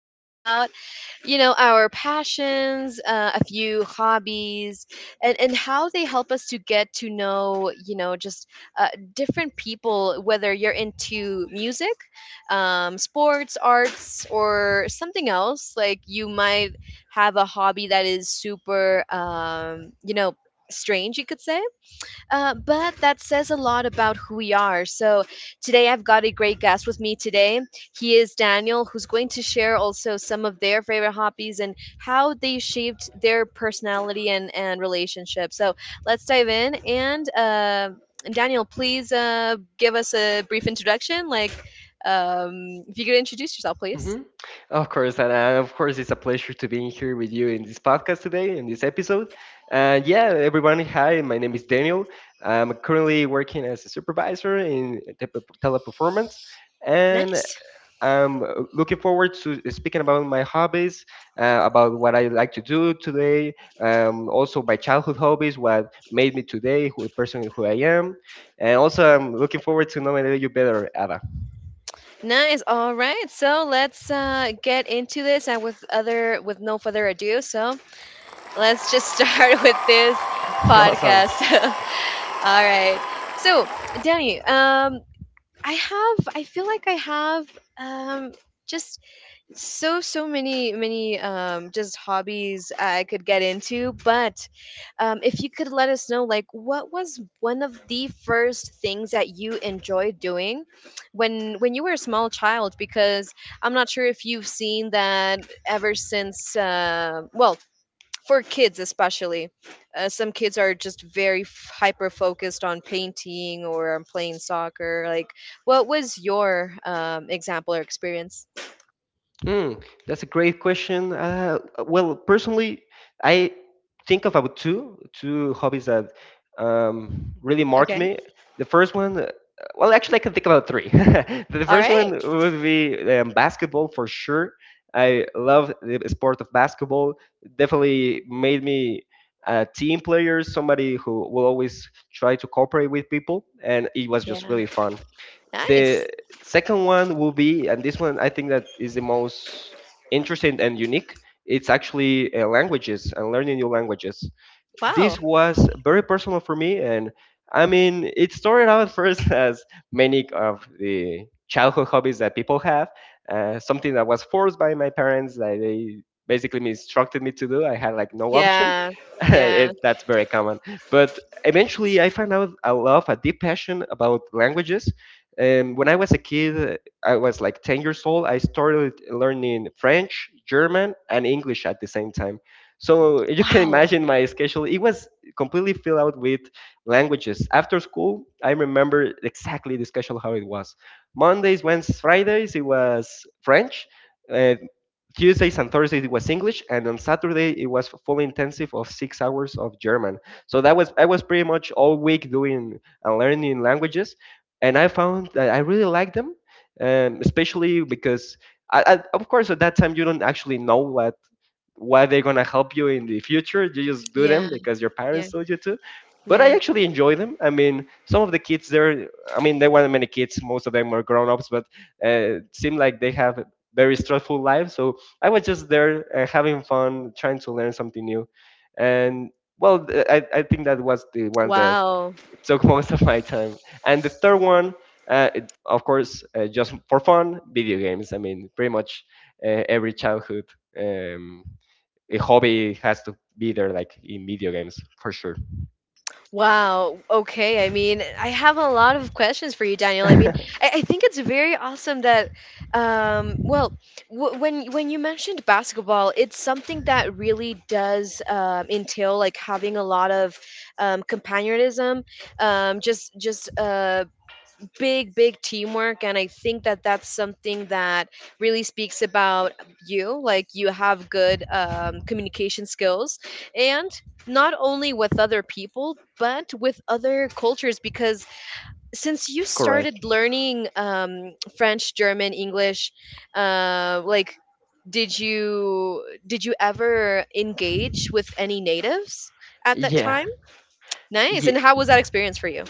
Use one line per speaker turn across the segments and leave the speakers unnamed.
all about, our passions, a few hobbies, and how they help us to get to know, just different people, whether you're into music, sports, arts, or something else. Like you might have a hobby that is super, strange, you could say, but that says a lot about who we are. So today I've got a great guest with me today. He is Daniel, who's going to share also some of their favorite hobbies and how they shaped their personality and relationship. So let's dive in. And Daniel, please give us a brief introduction. Like, if you could introduce yourself, please.
Mhm. Of course, and of course, it's a pleasure to being here with you in this podcast today, in this episode. And yeah, everyone, hi, my name is Daniel. I'm currently working as a supervisor in teleperformance, and
Nice.
I'm looking forward to speaking about my hobbies, about what I like to do today, also my childhood hobbies, what made me today, who the person who I am, and also I'm looking forward to knowing you better, Ada.
Nice. All right. So let's get into this, and with other, with no further ado. So let's just start with this podcast.
Awesome.
All right. So, Danny, I feel like I have, um, just many many just hobbies I could get into, but if you could let us know, like, what was one of the first things that you enjoyed doing when you were a small child? Because I'm not sure if you've seen that ever since. Well, for kids especially, some kids are just very hyper focused on painting or on playing soccer. Like, what was your example or experience?
Mm, that's a great question. Well, personally, I think of about two hobbies that really marked
Okay.
me. The first one, well, actually, I can think about three. But the
All
first one
right.
would be basketball for sure. I love the sport of basketball. Definitely made me a team player, somebody who will always try to cooperate with people, and it was
Yeah.
just really fun.
Nice.
The second one will be, and this one I think that is the most interesting and unique. It's actually languages and learning new languages.
Wow.
This was very personal for me, and I mean it started out first as many of the childhood hobbies that people have, something that was forced by my parents, that they basically instructed me to do. I had like no option.
Yeah. Yeah.
That's very common, but eventually I found out a deep passion about languages. When I was a kid, I was like 10 years old. I started learning French, German, and English at the same time, so you can
Wow.
imagine my schedule. It was completely filled out with languages. After school, I remember exactly the schedule how it was. Mondays, Wednesdays, Fridays, it was French. Uh, Tuesdays and Thursdays it was English, and on Saturday it was full intensive of 6 hours of German. So that was, I was pretty much all week doing and learning languages, and I found that I really liked them, especially because of course at that time you don't actually know what why they're gonna help you in the future. You just do
Yeah.
them because your
Yeah.
parents told you to. But I
Yeah.
actually enjoy them. I mean, some of the kids there, I mean, there weren't many kids. Most of them were grown ups, but it seemed like they have very stressful lives. So I was just there having fun, trying to learn something new. And well, I think that was the one that
Wow.
took most of my time. And the third one, of course, just for fun, video games. I mean, pretty much every childhood, Um, a hobby has to be there, like in video games for sure.
Wow. Okay. I mean, I have a lot of questions for you, Daniel. I mean, I, I think it's very awesome that, um, well, when you mentioned basketball, it's something that really does entail like having a lot of companionism, just big teamwork. And I think that that's something that really speaks about you, like you have good communication skills, and not only with other people but with other cultures, because since you
Correct.
started learning French, German, English, like, did you ever engage with any natives at that
Yeah.
time? Nice.
Yeah.
And how was that experience for you?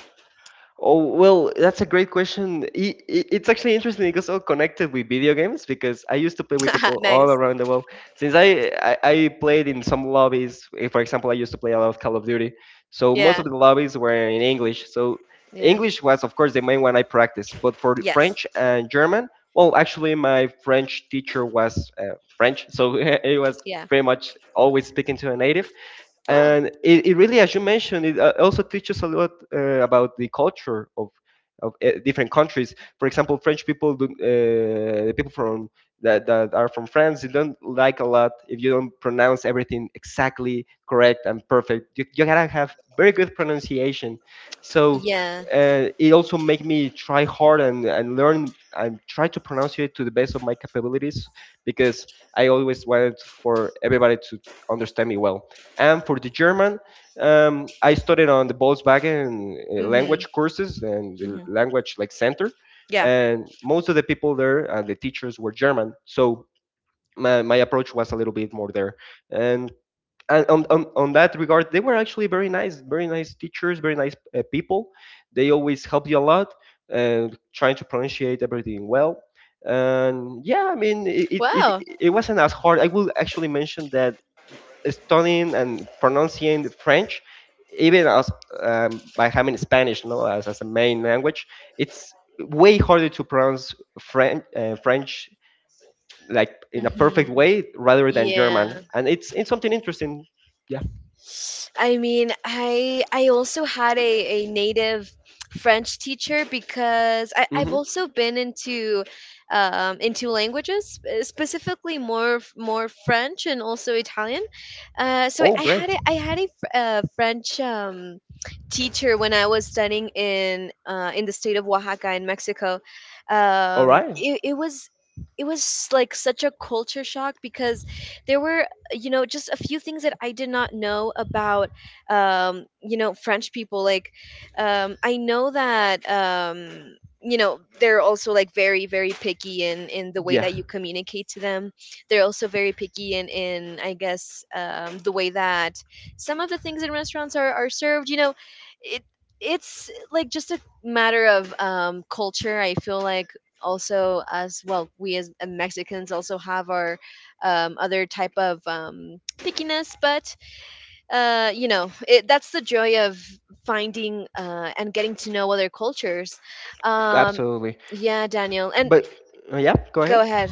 Oh, well, that's a great question. It's actually interesting because all connected with video games, because I used to play with people all
Nice.
around the world. Since I played in some lobbies, eh, for example, I used to play a lot of Call of Duty. So most
Yeah.
of the lobbies were in English. So
Yeah.
English was, of course, the main one I practiced. But for
Yes.
French and German, well, actually, my French teacher was French. So he was
Yeah.
pretty much always speaking to a native,
Oh.
and it really, as you mentioned, it also teaches a lot about the culture of different countries. For example, the people from that are from France, they don't like a lot if you don't pronounce everything exactly correct and perfect. You gotta have very good pronunciation. So
Yeah.
it also make me try hard, and learn and try to pronounce it to the best of my capabilities, because I always wanted for everybody to understand me well. And for the German, I studied on the Volkswagen
Mhm.
language courses and the
Mhm.
language like center,
Yeah.
and most of the people there, the teachers were German, so my approach was a little bit more there. And, and on that regard, they were actually very nice teachers, very nice people. They always help you a lot, uh, trying to pronunciate everything well. And yeah, I mean, it
Wow.
it wasn't as hard. I will actually mention that studying and pronouncing the French, even as by having Spanish, no, as a main language, it's way harder to pronounce French, like in a perfect
Mhm.
way rather than
Yeah.
German, and it's something interesting. Yeah.
I mean, I also had a native French teacher, because I've
Hmm.
also been into, into languages, specifically more more French and also Italian. So
Oh,
I
great.
had a French teacher when I was studying in the state of Oaxaca in Mexico.
All right.
It was like such a culture shock, because there were, just a few things that I did not know about. French people, like, I know that, they're also like very very picky in the way
Yeah,
that you communicate to them. They're also very picky in I guess, the way that some of the things in restaurants are served, you know. it it's like just a matter of, culture, I feel like. Also, as well, we as, Mexicans, also have our, other type of, pickiness. But, that's the joy of finding, and getting to know other cultures. um,
absolutely.
yeah, Daniel, and
But yeah, go
go
ahead.
ahead.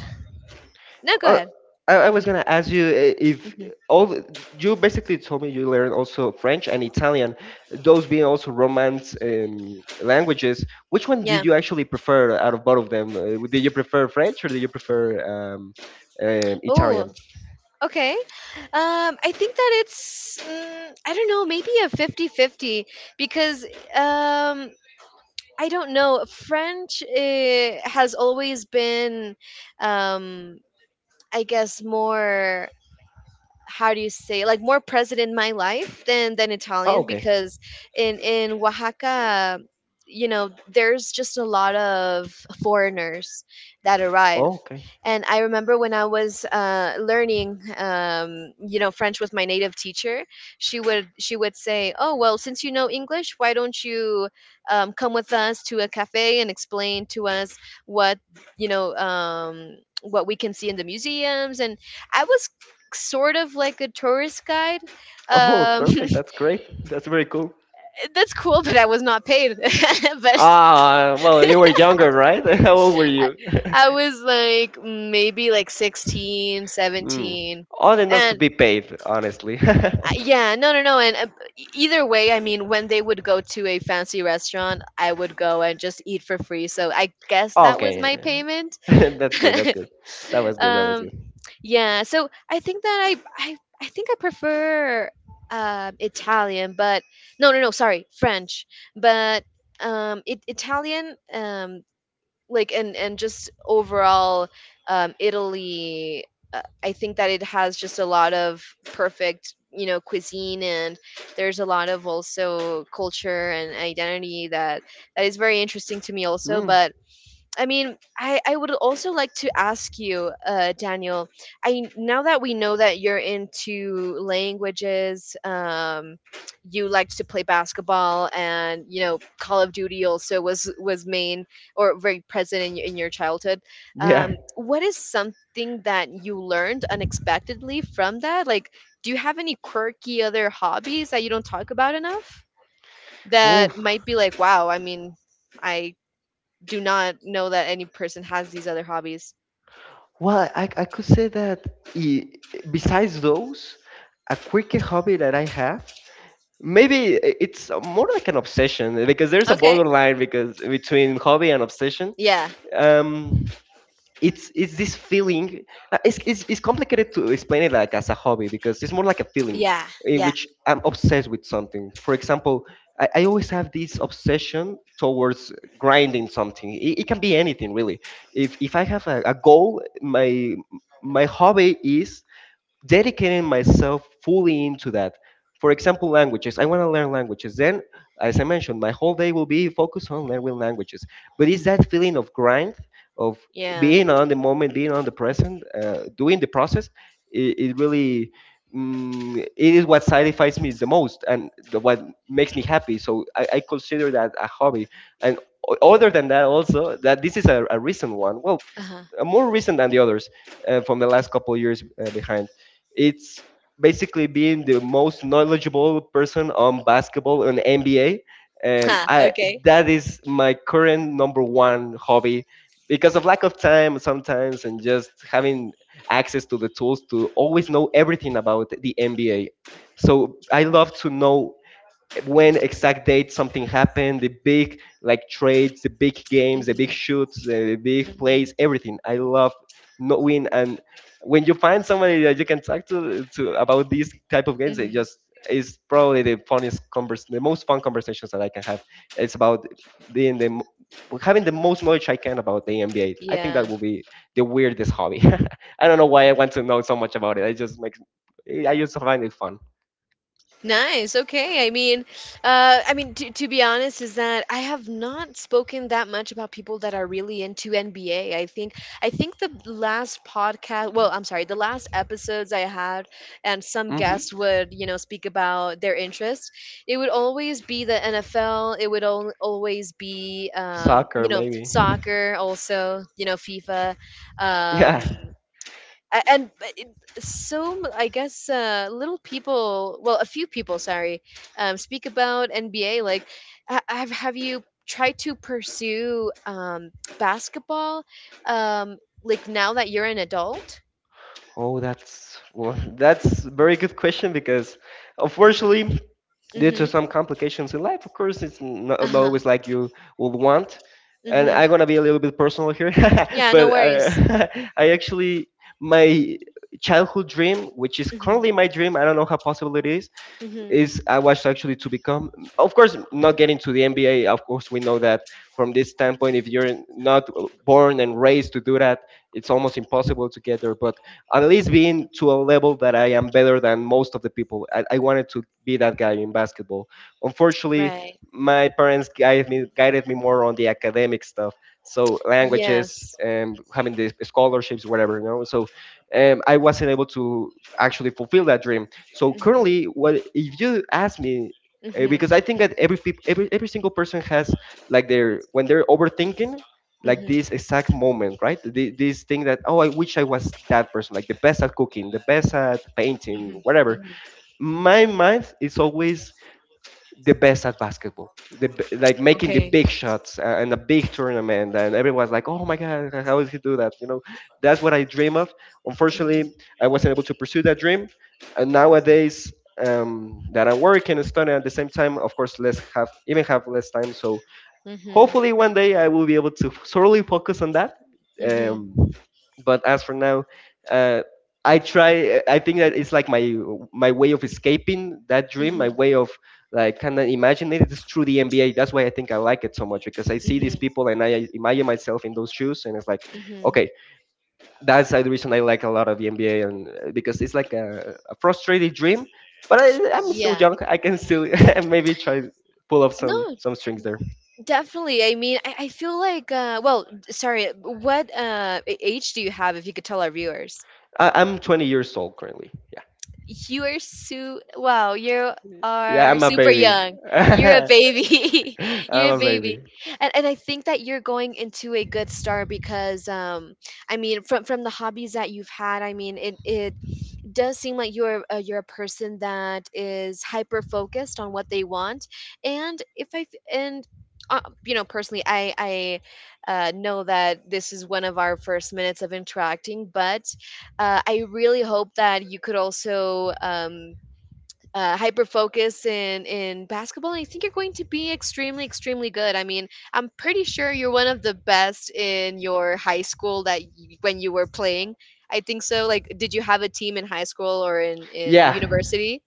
No, go
Uh,
ahead.
I was
Mhm,
gonna ask you if
mhm.
all the- you basically told me you learned also French and Italian, those being also Romance languages. Which one did
Yeah.
you actually prefer out of both of them? Did you prefer French or did you prefer
Oh,
Italian?
okay. I think that it's, mm, I don't know, maybe a fifty-fifty, because, um, I don't know, French, has always been, um, I guess, more, how do you say, like more present in my life than
Oh,
Italian,
okay.
because in Oaxaca, you know there's just a lot of foreigners that
Oh,
arrive.
okay.
And I remember when I was, learning, French with my native teacher, she would say, oh, well, since you know English, why don't you, come with us to a cafe and explain to us what you know what we can see in the museums. And I was sort of like a tourist guide.
Oh,
Um,
perfect. That's great. That's very cool.
that's cool, but I was not paid. But
Ah, well, you were younger, right? How old were
I,
you?
I was like, maybe like 16,
Hmm.
17.
Old enough to
And
be paid, honestly.
uh, yeah, no, no, no. And either way, I mean, when they would go to a fancy restaurant, I would go and just eat for free. So I guess that was
Okay.
my payment.
That's good. That's good. That was good. That was good.
um yeah, so I think that I think I prefer, Italian. But, no, no, no, sorry, French. But, Italian, like, and just overall, Italy, I think that it has just a lot of perfect, cuisine, and there's a lot of also culture and identity that is very interesting to me also,
Mm,
but I mean, I would also like to ask you, Daniel. I now that we know that you're into languages, you liked to play basketball, and, Call of Duty also was main or very present in, in your childhood.
yeah.
What is something that you learned unexpectedly from that? Like, do you have any quirky other hobbies that you don't talk about enough
Oof.
that might be like, wow? I mean, I do not know that any person has these other hobbies.
Well, I could say that i- besides those, a quick hobby that I have, maybe it's more like an obsession, because there's a
Okay.
borderline because between hobby and obsession.
Yeah.
Um, it's this feeling, it's complicated to explain it like as a hobby because it's more like a feeling
Yeah.
in
Yeah.
which I'm obsessed with something. For example, I always have this obsession towards grinding something. It can be anything really. If I have a goal, my hobby is dedicating myself fully into that. For example, languages. I want to learn languages. Then, as I mentioned, my whole day will be focused on learning languages. But it's that feeling of grind, of
Yeah.
being on the moment, being on the present, doing the process. It, it really, it is what satisfies me the most, and what makes me happy. So I consider that a hobby. And other than that, also that this is a recent one. Well,
Uh-huh.
more recent than the others, from the last couple of years behind. It's basically being the most knowledgeable person on basketball and NBA. I
Okay.
That is my current number one hobby, because of lack of time sometimes and just having access to the tools to always know everything about the NBA. So I love to know when exact date something happened, the big like trades, the big games, the big
Mhm,
shoots, the big
mhm,
plays, everything. I love knowing, and when you find somebody that you can talk to, about these type of games, it
mhm.
just is probably the most fun conversations that I can have. It's about being the m- having the most knowledge I can about the NBA. I think
Yeah.
that will be the weirdest hobby. I don't know why I want to know so much about it. I just find it fun.
Nice. Okay. I mean, to be honest, is that I have not spoken that much about people that are really into NBA. I think the last podcast, well, I'm sorry, the last episodes I had, and some
Hmm.
guests would, speak about their interest. It would always be the NFL. It would always be,
Soccer maybe.
soccer, also, FIFA. Um,
Yeah.
and but it, I guess, little people, well, a few people, sorry, speak about NBA. Like, have you tried to pursue, basketball, like now that you're an adult?
Oh, that's well, that's a very good question, because unfortunately, due to
Mm-hmm.
some complications in life, of course, it's not
Uh-huh.
always like you would want. And I'm
Mm-hmm.
gonna be a little bit personal here,
Yeah, no
but
worries.
I, I actually my childhood dream, which is
Mm-hmm.
currently my dream, I don't know how possible it
Mm-hmm.
is I watched actually to become. Of course, not getting to the NBA. Of course, we know that from this standpoint, if you're not born and raised to do that, it's almost impossible to get there. But at least being to a level that I am better than most of the people. I wanted to be that guy in basketball. Unfortunately,
Right.
my parents guided me more on the academic stuff. So languages,
Yes.
and having the scholarships, whatever. You know. So I wasn't able to actually fulfill that dream. So
Mm-hmm.
currently, what if you ask me? Uh, because I
Mm-hmm.
think that every peop every single person has like their when they're overthinking, like
Mm-hmm.
this exact moment, right? This thing that, oh, I wish I was that person, like the best at cooking, the best at painting,
Mm-hmm.
whatever.
Hmm.
My mind is always the best at basketball. Like making the
Okay.
big shots in a big tournament, and everyone's like, "Oh my God, how does he do that?" You know, that's what I dream of.
Mm-hmm.
Unfortunately, I wasn't able to pursue that dream. And nowadays, that I'm working and studying at the same time, of course, less have even have less time. So
Mm-hmm.
hopefully one day I will be able to solely focus on that.
Mm-hmm.
Um, but as for now, uh, I try. I think that it's like my way of escaping that dream, my
Mm-hmm.
way of like kind of imagine it is through the NBA. That's why I think I like it so much because I see these
Mm-hmm.
people and I imagine myself in those shoes, and it's like,
Mm-hmm.
okay, that's the reason I like a lot of the NBA, and because it's like a frustrated dream. But I'm still
Yeah.
young. I can still maybe try pull up some
No.
some strings there.
Definitely. I mean, I feel like, sorry, what, age do you have, if you could tell our viewers?
I'm 20 years old currently. Yeah.
You are so, wow, you
Yeah,
are
I'm a
super
baby.
young. You're a
I'm
baby. You're a
a baby.
baby. And I think that you're going into a good start, because, I mean, from the hobbies that you've had, I mean, it does seem like you're, you're a person that is hyper focused on what they want. And if i f- and uh, you know, personally, I know that this is one of our first minutes of interacting, but, I really hope that you could also, hyper focus in basketball. I think you're going to be extremely, extremely good. I mean, I'm pretty sure you're one of the best in your high school that, when you were playing. I think so. Like, did you have a team in high school or in
Yeah.
university?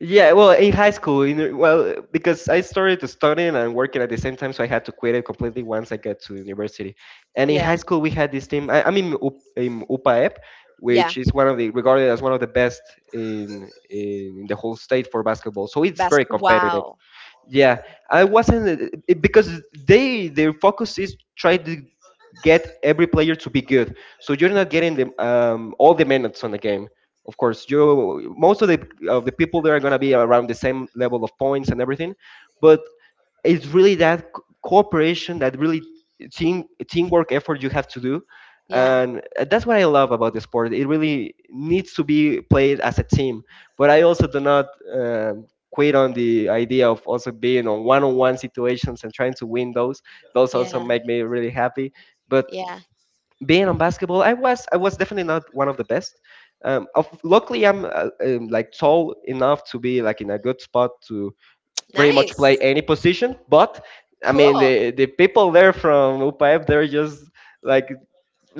Yeah, well, in high school, well, because I started to studying and working at the same time, so I had to quit it completely once I got to university. And in
Yeah,
high school, we had this team. I'm in UPAEP,
yeah.
which is one of the regarded as one of the best in the whole state for basketball. So it's very
Basque.
competitive.
Wow.
Yeah, I wasn't because they their focus is try to get every player to be good. So you're not getting all the minutes on the game. Of course, you most of the people there are gonna be around the same level of points and everything, but it's really that cooperation that really team teamwork effort you have to do
Yeah,
and that's what I love about the sport it really needs to be played as a team but I also do not um, quit on the idea of also being on one-on-one situations and trying to win those. Those also
yeah,
make me really happy but
yeah.
being on basketball i was definitely not one of the best luckily I'm like tall enough to be like in a good spot to pretty much play
Nice.
any position. But I mean,
Cool,
the people there from UPF, they're just like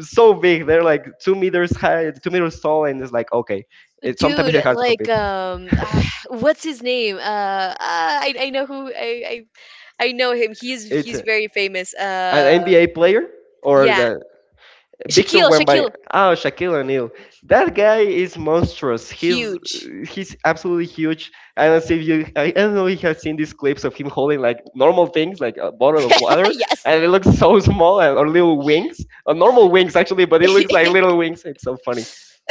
so big. They're like 2 meters high, 2 meters tall, and it's like okay. It sometimes
dude.
it's hard to
Like,
compete.
what's his name? I know who I know him. He's
It's
he's very famous.
an NBA player or
Yeah,
the Victor
Shaquille,
Wembanyama.
Shaquille,
Oh, Shaquille O'Neal. That guy is monstrous. He's
huge.
he's absolutely huge. I don't see if you. I don't know if you have seen these clips of him holding like normal things, like a bottle of water,
Yes.
and it looks so small, and, or little wings, or normal wings actually, but it looks like little wings. It's so funny.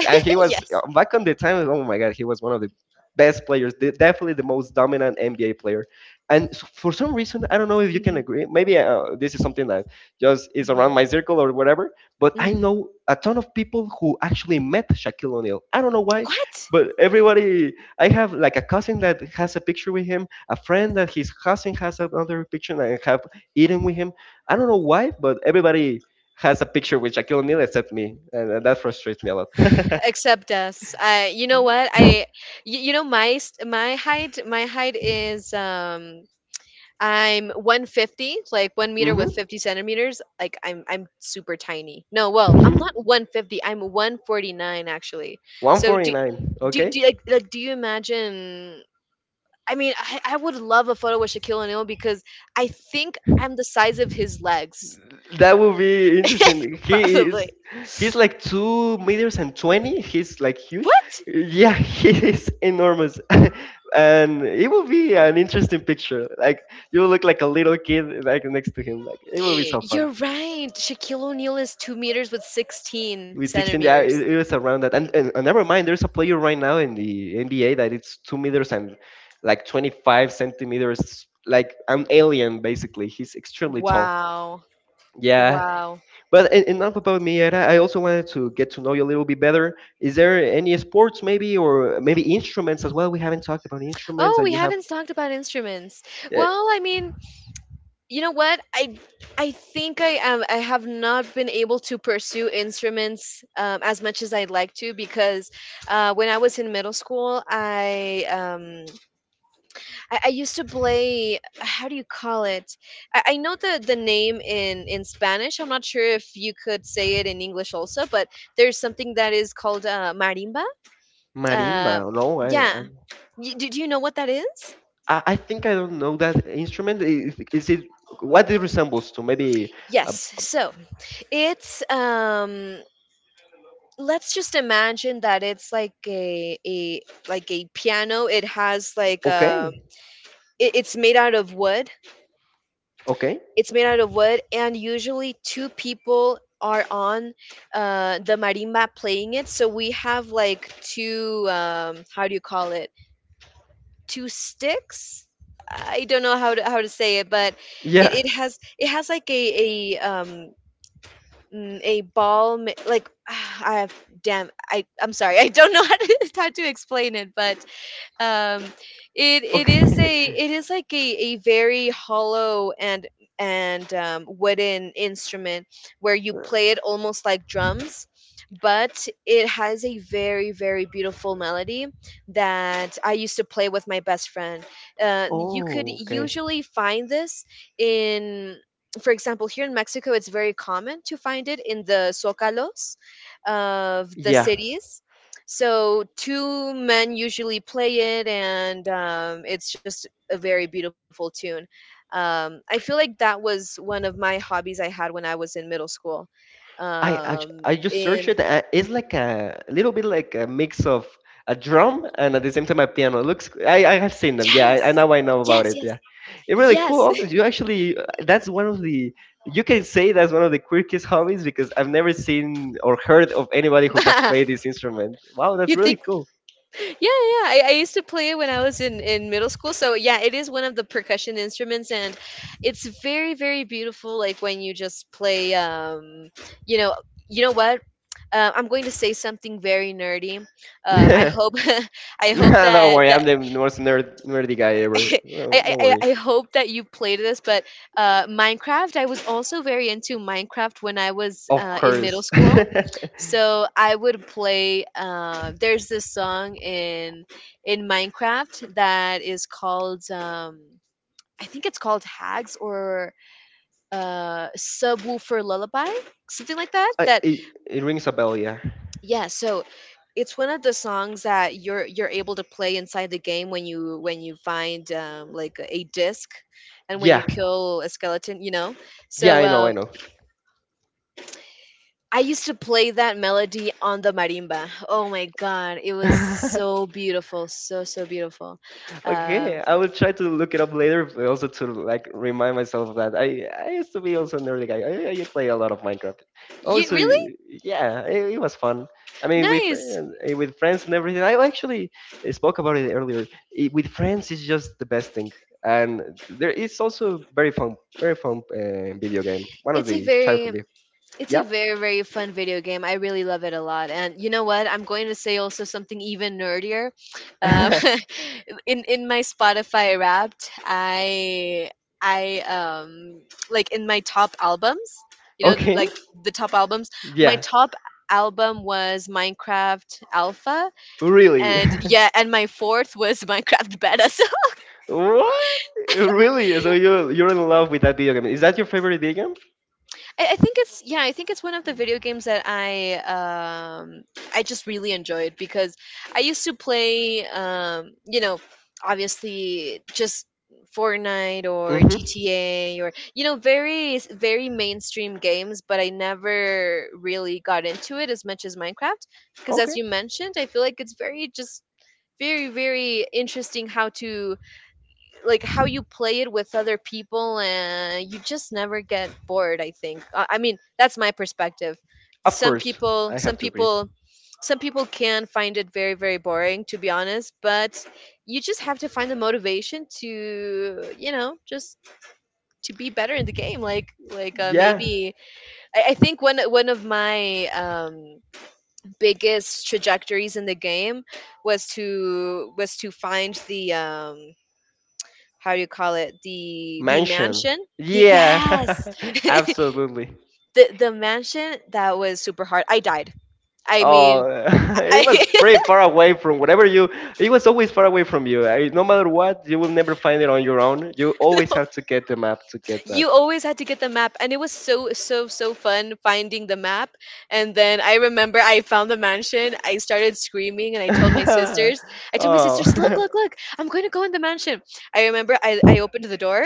And he was
Yes.
back on the time. Oh my god, he was one of the best players, definitely the most dominant NBA player. And for some reason, I don't know if you can
Hmm.
agree. Maybe this is something that just is
Hmm.
around my circle or whatever. But I
Hmm.
know a ton of people who actually met Shaquille O'Neal. I don't know why,
What?
but everybody, I have like a cousin that has a picture with him, a friend that his cousin has another picture, and I have eaten with him. I don't know why, but everybody has a picture with Shaquille O'Neal except me, and that frustrates me a lot.
Except us. I. You know what? I. You know my height. My height is, I'm 150, like 1 meter with
hmm
50 centimeters. Like I'm super tiny. No, well, I'm not 150. I'm 149 actually. So do
149,
do
okay?
do like do you imagine? I mean, I would love a photo with Shaquille O'Neal, because I think I'm the size of his legs,
That would be interesting. He
probably.
is he's like 2 meters and 20. He's like huge.
What?
Yeah, he is enormous. And it will be an interesting picture. Like you look like a little kid like next to him. Like it will be so
You're
fun.
right. Shaquille O'Neal is 2 meters with 16
With 16, yeah,
centimeters.
it was around that. And never mind, there's a player right now in the NBA that it's 2 meters and like 25 centimeters, like an alien basically. He's extremely tall.
Wow.
Yeah.
Wow.
But enough about me, Era. I also wanted to get to know you a little bit better. Is there any sports, maybe, or maybe instruments as well? We haven't talked about instruments
Oh,
that
we
you have.
haven't talked about instruments.
Uh,
Well, I mean, you know what? I think I am I have not been able to pursue instruments, as much as I'd like to, because, when I was in middle school, I used to play. How do you call it? I know the name in Spanish. I'm not sure if you could say it in English also, but there's something that is called, marimba.
Marimba,
Uh,
no? I,
yeah.
I,
Do you know what that is?
I I think I don't know that instrument. Is it what it resembles to? Maybe.
Yes.
Uh,
So it's, let's just imagine that it's like a like a piano. It has like,
okay,
it's made out of wood.
okay,
It's made out of wood, and usually two people are on, the marimba playing it. So we have like two, how do you call it? Two sticks. I don't know how to say it, but it,
yeah,
it has it has like a ball like I have. Damn, I'm sorry I don't know how to explain it, but um it it is
okay.
a it is like a very hollow and wooden instrument, where you play it almost like drums, but it has a very, very beautiful melody that I used to play with my best friend. You could
Oh, okay.
usually find this in, for example, here in Mexico it's very common to find it in the zocalos of the
Yeah,
cities. So two men usually play it, and it's just a very beautiful tune. I feel like that was one of my hobbies I had when I was in middle school.
I I, I just searched it.
And
It's like a little bit like a mix of a drum and at the same time a piano. Looks I have seen them. Yeah, I
yes,
now I know about
yes,
it.
yes,
Yeah, it's really cool.
yes.
Oh, You actually that's one of the you can say that's one of the quirkiest hobbies because I've never seen or heard of anybody who have played this instrument. Wow, that's
You
really
think?
cool.
Yeah, yeah, yeah. I used to play it when I was in middle school. So yeah, it is one of the percussion instruments, and it's very, very beautiful. Like when you just play, you know, you know what. I'm going to say something very nerdy. I hope, I hope
Nah, don't
that
worry,
that
I'm the most nerdy guy ever.
I,
No,
I
don't
I
worry.
I hope that you played this, but Minecraft. I was also very into Minecraft when I was
Of
in middle
course.
school. So I would play. There's this song in Minecraft that is called, I think it's called Hags, or Subwoofer Lullaby, something like that.
I,
That.
it, it rings a bell. Yeah.
Yeah, so it's one of the songs that you're able to play inside the game when you find, like, a disc, and when
Yeah.
you kill a skeleton, you know.
Yeah,
So
I know, I know.
I used to play that melody on the marimba. Oh my god, it was so beautiful, so, so beautiful. Um,
Okay, I will try to look it up later, but also to like remind myself of that. I used to be also a nerdy guy. I play a lot of Minecraft.
you
Also,
really.
yeah, it was fun. I mean,
Nice.
with friends and everything. I actually spoke about it earlier. With friends, it's just the best thing, and there is also very fun video game. One of
It's a
the
very
childhood.
It's a
Yeah.
very, very fun video game. I really love it a lot. And you know what? I'm going to say also something even nerdier. Um, in my Spotify Wrapped, I like in my top albums, you know,
Okay.
the top albums. My
Yeah.
top album was Minecraft Alpha,
Really.
and yeah, and my fourth was Minecraft Beta.
What? Really? So you're in love with that video game? Is that your favorite video game?
I think it's yeah, I think it's one of the video games that um I just really enjoyed, because I used to play, you know, obviously just Fortnite or
Mm-hmm.
GTA, or, you know, very mainstream games, but I never really got into it as much as Minecraft, because, as
Okay.
you mentioned, I feel like it's very just very, very interesting how to, like, how you play it with other people, and you just never get bored. I think I mean, that's my perspective.
Of
some
course,
people
I have
some
to agree.
people some people can find it very, very boring, to be honest, but you just have to find the motivation to, you know, just to be better in the game, like,
Yeah,
maybe. I think one of my biggest trajectories in the game was to find the, how do you call it, the
mansion.
mansion. The, yes,
Yeah, absolutely.
the mansion that was super hard. I died, I mean,
Oh,
I
it was pretty far away from whatever you. It was always far away from you. No matter what, you will never find it on your own. You
no,
always have to get the map to get that.
you always had to get the map, and it was so, so, so fun finding the map. And then I remember I found the mansion, I started screaming, and I told my
Oh,
sisters, look, look, look, I'm going to go in the mansion. I opened the door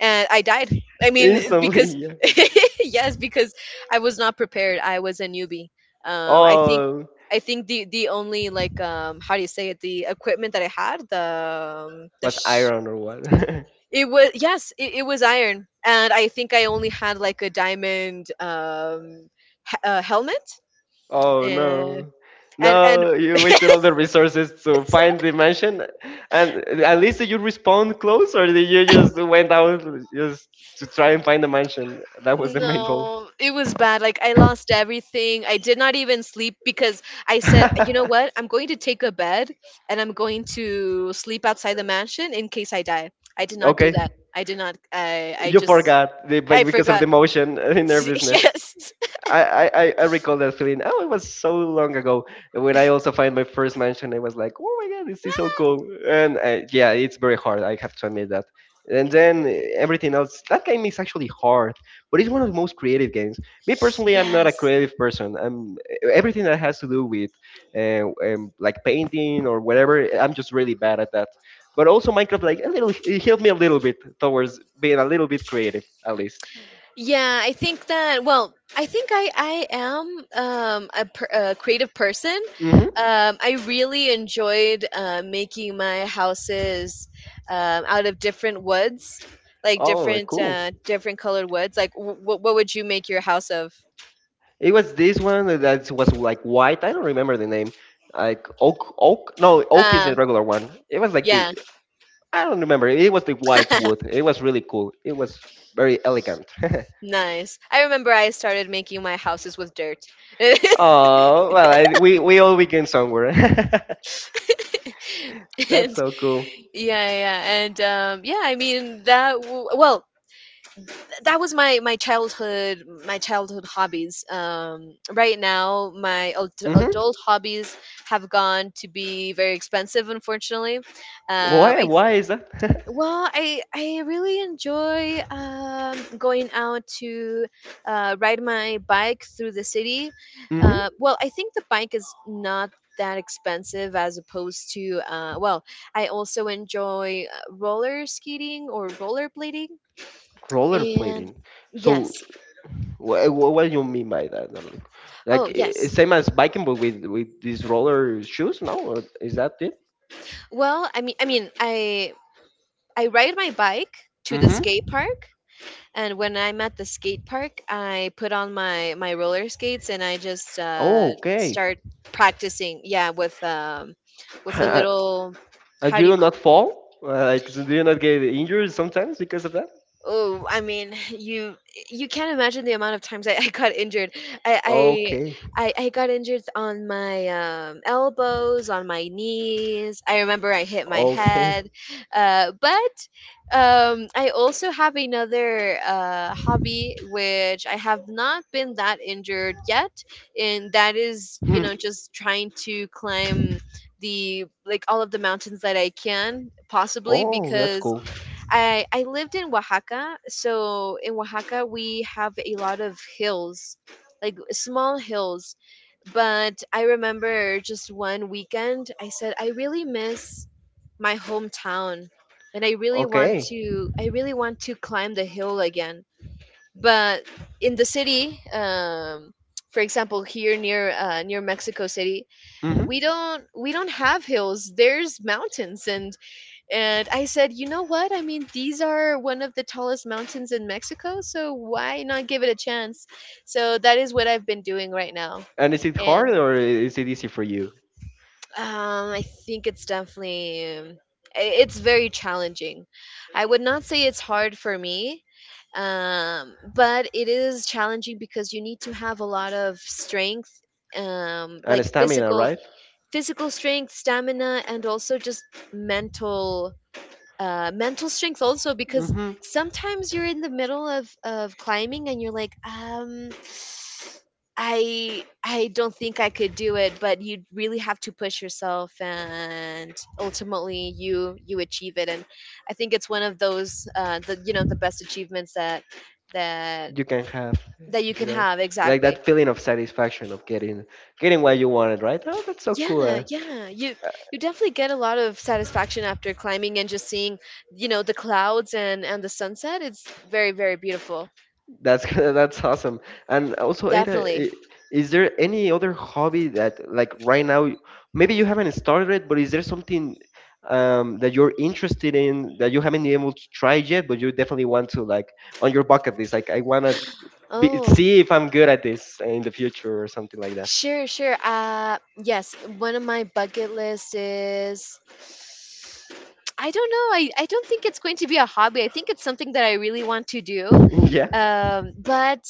and I died. I mean,
instantly.
because
Yeah.
yes, because I was not prepared. I was a newbie. Um, I think,
Oh,
I think the only, like, how do you say it? The equipment that I had, the,
was iron or what?
it was, yes, it was iron, and I think I only had like a diamond, helmet,
Oh
and
no.
and
No, you wasted all the resources to find the mansion. And at least did you respawn close or did you just went out just to try and find the mansion? That was the main goal.
no, it was bad. Like, I lost everything. I did not even sleep, because I said, you know what? I'm going to take a bed and I'm going to sleep outside the mansion in case I die. I did not do
Okay.
that. I did not.
You forgot
I
because of
forgot.
the motion in their business.
Yes.
I recall that feeling. Oh, it was so long ago when I also find my first mansion. I was like, oh my god, this is so
Ah,
cool. And yeah, it's very hard. I have to admit that. And then everything else. That game is actually hard, but it's one of the most creative games. Me personally, I'm not a
yes.
creative person. I'm everything that has to do with like painting or whatever. I'm just really bad at that. But also Minecraft, like a little, it helped me a little bit towards being a little bit creative, at least.
Yeah, I think that. Well, I think I am, a creative person.
Mm-hmm.
I really enjoyed making my houses, out of different woods, like
Oh,
different
cool.
uh, different colored woods. Like, what would you make your house of?
It was this one that was like white. I don't remember the name. Like oak, oak. No, oak is the
Uh,
regular one. It was like the
yeah,
I don't remember. It was the white wood. It was really cool. It was very elegant.
nice. I remember I started making my houses with dirt.
Oh well, I, we all begin somewhere. That's
and
so cool.
yeah, yeah, yeah. And yeah, I mean, well, that was my my childhood hobbies. Right now my
hmm
adult hobbies have gone to be very expensive, unfortunately.
Why
I
why is that?
well I really enjoy, going out to ride my bike through the city.
hmm
Well, I think the bike is not that expensive, as opposed to, well, I also enjoy roller skating or rollerblading.
Roller
And
plating. So
yes.
what do you mean by that? Like,
Oh, yes.
same as biking, but with these roller shoes? No, or is that it?
Well, I mean, I ride my bike to the skate
Mm-hmm.
park, and when I'm at the skate park, I put on my roller skates, and I just
Oh, okay.
start practicing, yeah, with, with a
And
little.
you
How do
do
you
you not
call.
fall? Like, so do you not get injured sometimes because of that?
Oh, I mean, you can't imagine the amount of times I, I got injured. I,
Okay.
I I got injured on my, elbows, on my knees. I remember I hit my
Okay.
head, but, I also have another hobby, which I have not been that injured yet, and that is, you
Hmm.
know, just trying to climb the like all of the mountains that I can possibly,
Oh, that's
because
cool.
I lived in Oaxaca, so in Oaxaca we have a lot of hills, like small hills. But I remember just one weekend, I said I really miss my hometown, and
Okay.
I really want to climb the hill again. But in the city, for example, here near, near Mexico City, we
hmm
don't we don't have hills. There's mountains, and, I said, you know what? I mean, these are one of the tallest mountains in Mexico, so why not give it a chance? So that is what I've been doing right now.
And is it hard
And
or is it easy for you?
I think it's definitely, it's very challenging. I would not say it's hard for me, but it is challenging, because you need to have a lot of strength, like
And stamina,
physical,
right?
physical strength, stamina, and also just mental, mental strength also, because
hmm
sometimes you're in the middle of climbing, and you're like, I don't think I could do it, but you really have to push yourself, and ultimately you achieve it. And I think it's one of those, the you know, the best achievements that that
You can have,
that you can
you're right?
have,
Like
exactly.
that feeling of satisfaction of getting what you wanted, right? Oh, that's so cool.
Yeah, yeah, you definitely get a lot of satisfaction after climbing and just seeing, you know, the clouds and the sunset. It's very, very beautiful.
That's that's awesome. And also, Ada,
Definitely.
i- is there any other hobby that, like right now, maybe you haven't started it, but is there something that you're interested in that you haven't been able to try yet, but you definitely want to, like, on your bucket list? Like,
Oh,
see if I'm good at this in the future or something like that.
sure, sure. Yes, one of my bucket lists is, I don't know. I don't think it's going to be a hobby. I think it's something that I really want to do.
Yeah.
But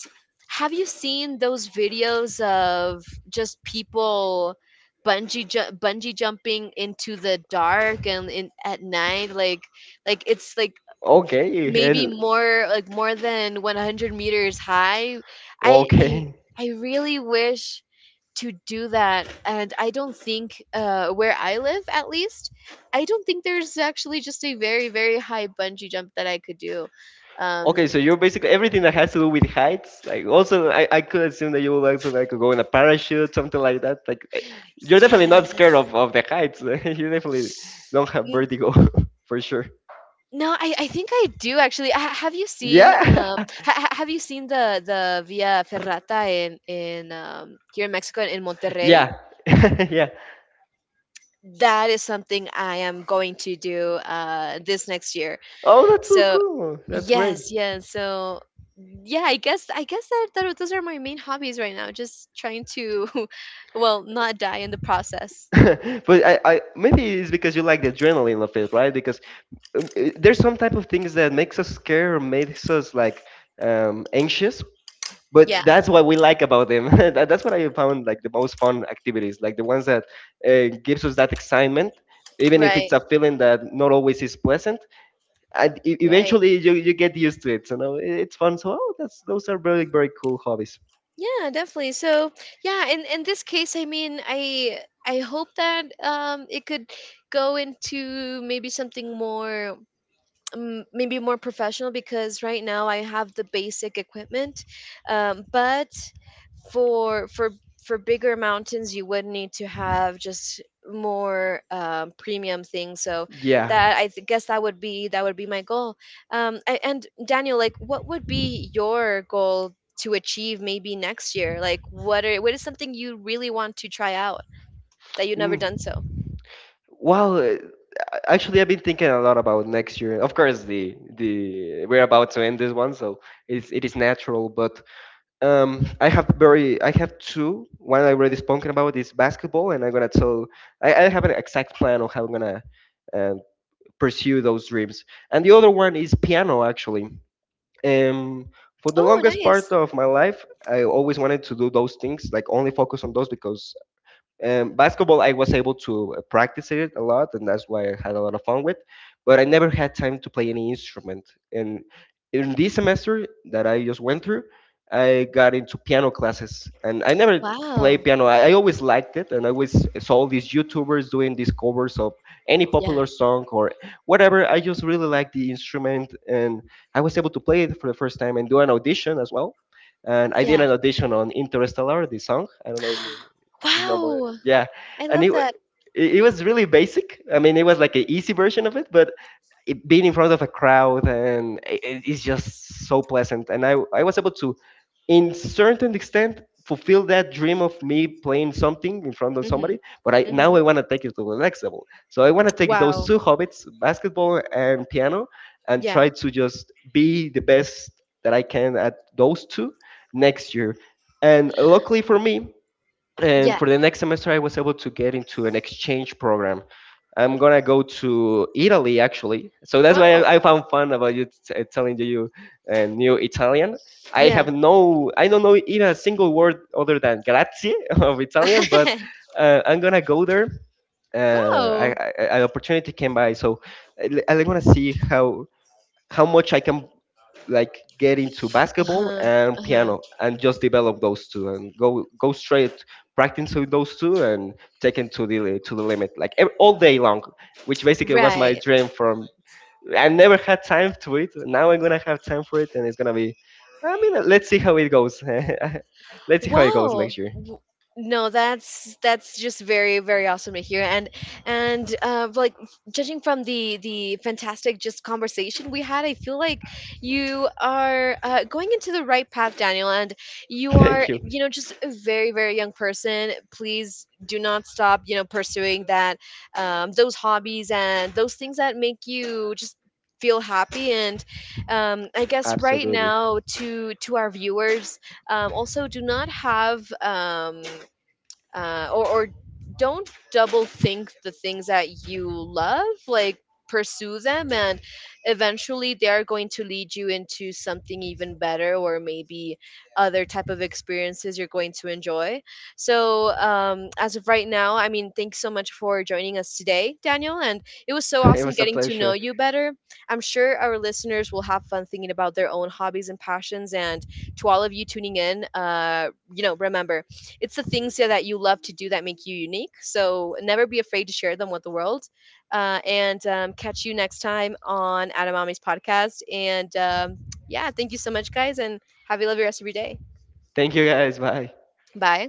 have you seen those videos of just people bungee jumping into the dark, and in at night? Like, it's like
Okay.
maybe
hell,
more like more than 100 meters high. i i,
okay.
I really wish to do that, and I don't think, where I live at least, I don't think there's actually just a very, very high bungee jump that I could do.
Okay,
um
so you're basically everything that has to do with heights. Like also, I could assume that you would also like go in a parachute, something like that. Like you're definitely not scared
yes.
of the heights. You definitely don't have
N-
vertigo for sure.
no, I think I do, actually. Have you seen,
Yeah,
have you seen the via ferrata in here in Mexico, in Monterrey?
yeah, yeah.
That is something I am going to do this next year.
Oh, that's so
So
cool. That's great.
yes, yes. So yeah, I guess that, those are my main hobbies right now. Just trying to, well, not die in the process.
But I maybe it's because you like the adrenaline of it, right? Because there's some type of things that makes us scared or makes us like anxious,
Yeah.
but that's what we like about them That's what I found like the most fun activities like the ones that gives us that excitement even if it's
Right.
a feeling that not always is pleasant and
Right.
eventually you get used to it so now it's fun so oh, that's those are very very cool hobbies
Yeah, definitely. So yeah, in this case, I mean, I hope that it could go into maybe something more, maybe more professional, because right now I have the basic equipment. But for for for bigger mountains, you would need to have just more, premium things. So
yeah.
guess that would be my goal. And Daniel, like, what would be your goal to achieve maybe next year? Like, what is something you really want to try out that you've never done
Mm.
so?
Well actually I've been thinking a lot about next year of course the we're about to end this one so it is natural but. I have I have two. One I already spoken about is basketball, and I'm gonna tell. I have an exact plan on how I'm gonna um, pursue those dreams. And the other one is piano, actually. Um, for the
Oh,
longest part
nice!
of my life, I always wanted to do those things, like only focus on those because basketball, I was able to practice it a lot, and that's why I had a lot of fun with. But I never had time to play any instrument. And in this semester that I just went through, I got into piano classes, and I never
Wow.
played piano. I always liked it, and I always saw these YouTubers doing these covers of any
Yeah.
popular song or whatever. I just really liked the instrument, and I was able to play it for the first time and do an audition as well. And I did
Yeah.
an audition on Interstellar, the song. I don't know if you know,
Wow.
yeah.
I
And
love
it, wa-
that.
it was really basic. I mean, it was like an easy version of it, but being in front of a crowd and it's just so pleasant. And I was able to, in certain extent, fulfill that dream of me playing something in front of somebody.
Mhm.
But I now I
Mhm.
want to take it to the next level. So I want to take those
Wow.
two hobbits, basketball and piano, and
Yeah.
try to just be the best that I can at those two next year. And luckily for me, and
Yeah.
for the next semester I was able to get into an exchange program I'm gonna go to italy actually so that's why
Wow.
I found fun about telling you you knew italian I
Yeah.
have no I don't know even a single word other than grazie of italian but I'm gonna go there
Wow.
an opportunity came by so I'm gonna see how much I can like get into
Uh
basketball
huh.
and
Uh huh.
piano and just develop those two and go straight practice with those two and take it to the limit like all day long which basically was my
Right.
dream from I never had time to it now I'm gonna have time for it and it's gonna be I mean let's see how it goes let's see how it goes
Wow.
next year
No, that's just very, very awesome to hear, and like, judging from the fantastic just conversation we had, I feel like you are, going into the right path, Daniel, and you
thank
are,
you
you know, just a very, very young person. Please do not stop, you know, pursuing that those hobbies and those things that make you just feel happy. And I guess right
absolutely
now, to our viewers, also, do not have, or don't double think the things that you love. Like, pursue them, and eventually they are going to lead you into something even better, or maybe other type of experiences you're going to enjoy. So as of right now, I mean, thanks so much for joining us today, Daniel, and it was so
it
awesome
was a
getting to know
pleasure
you better. I'm sure our listeners will have fun thinking about their own hobbies and passions. And to all of you tuning in, you know, remember, it's the things, yeah, that you love to do that make you unique. So never be afraid to share them with the world. And catch you next time on Adamami's podcast. And yeah, thank you so much, guys, and have a lovely rest of your day. Bye.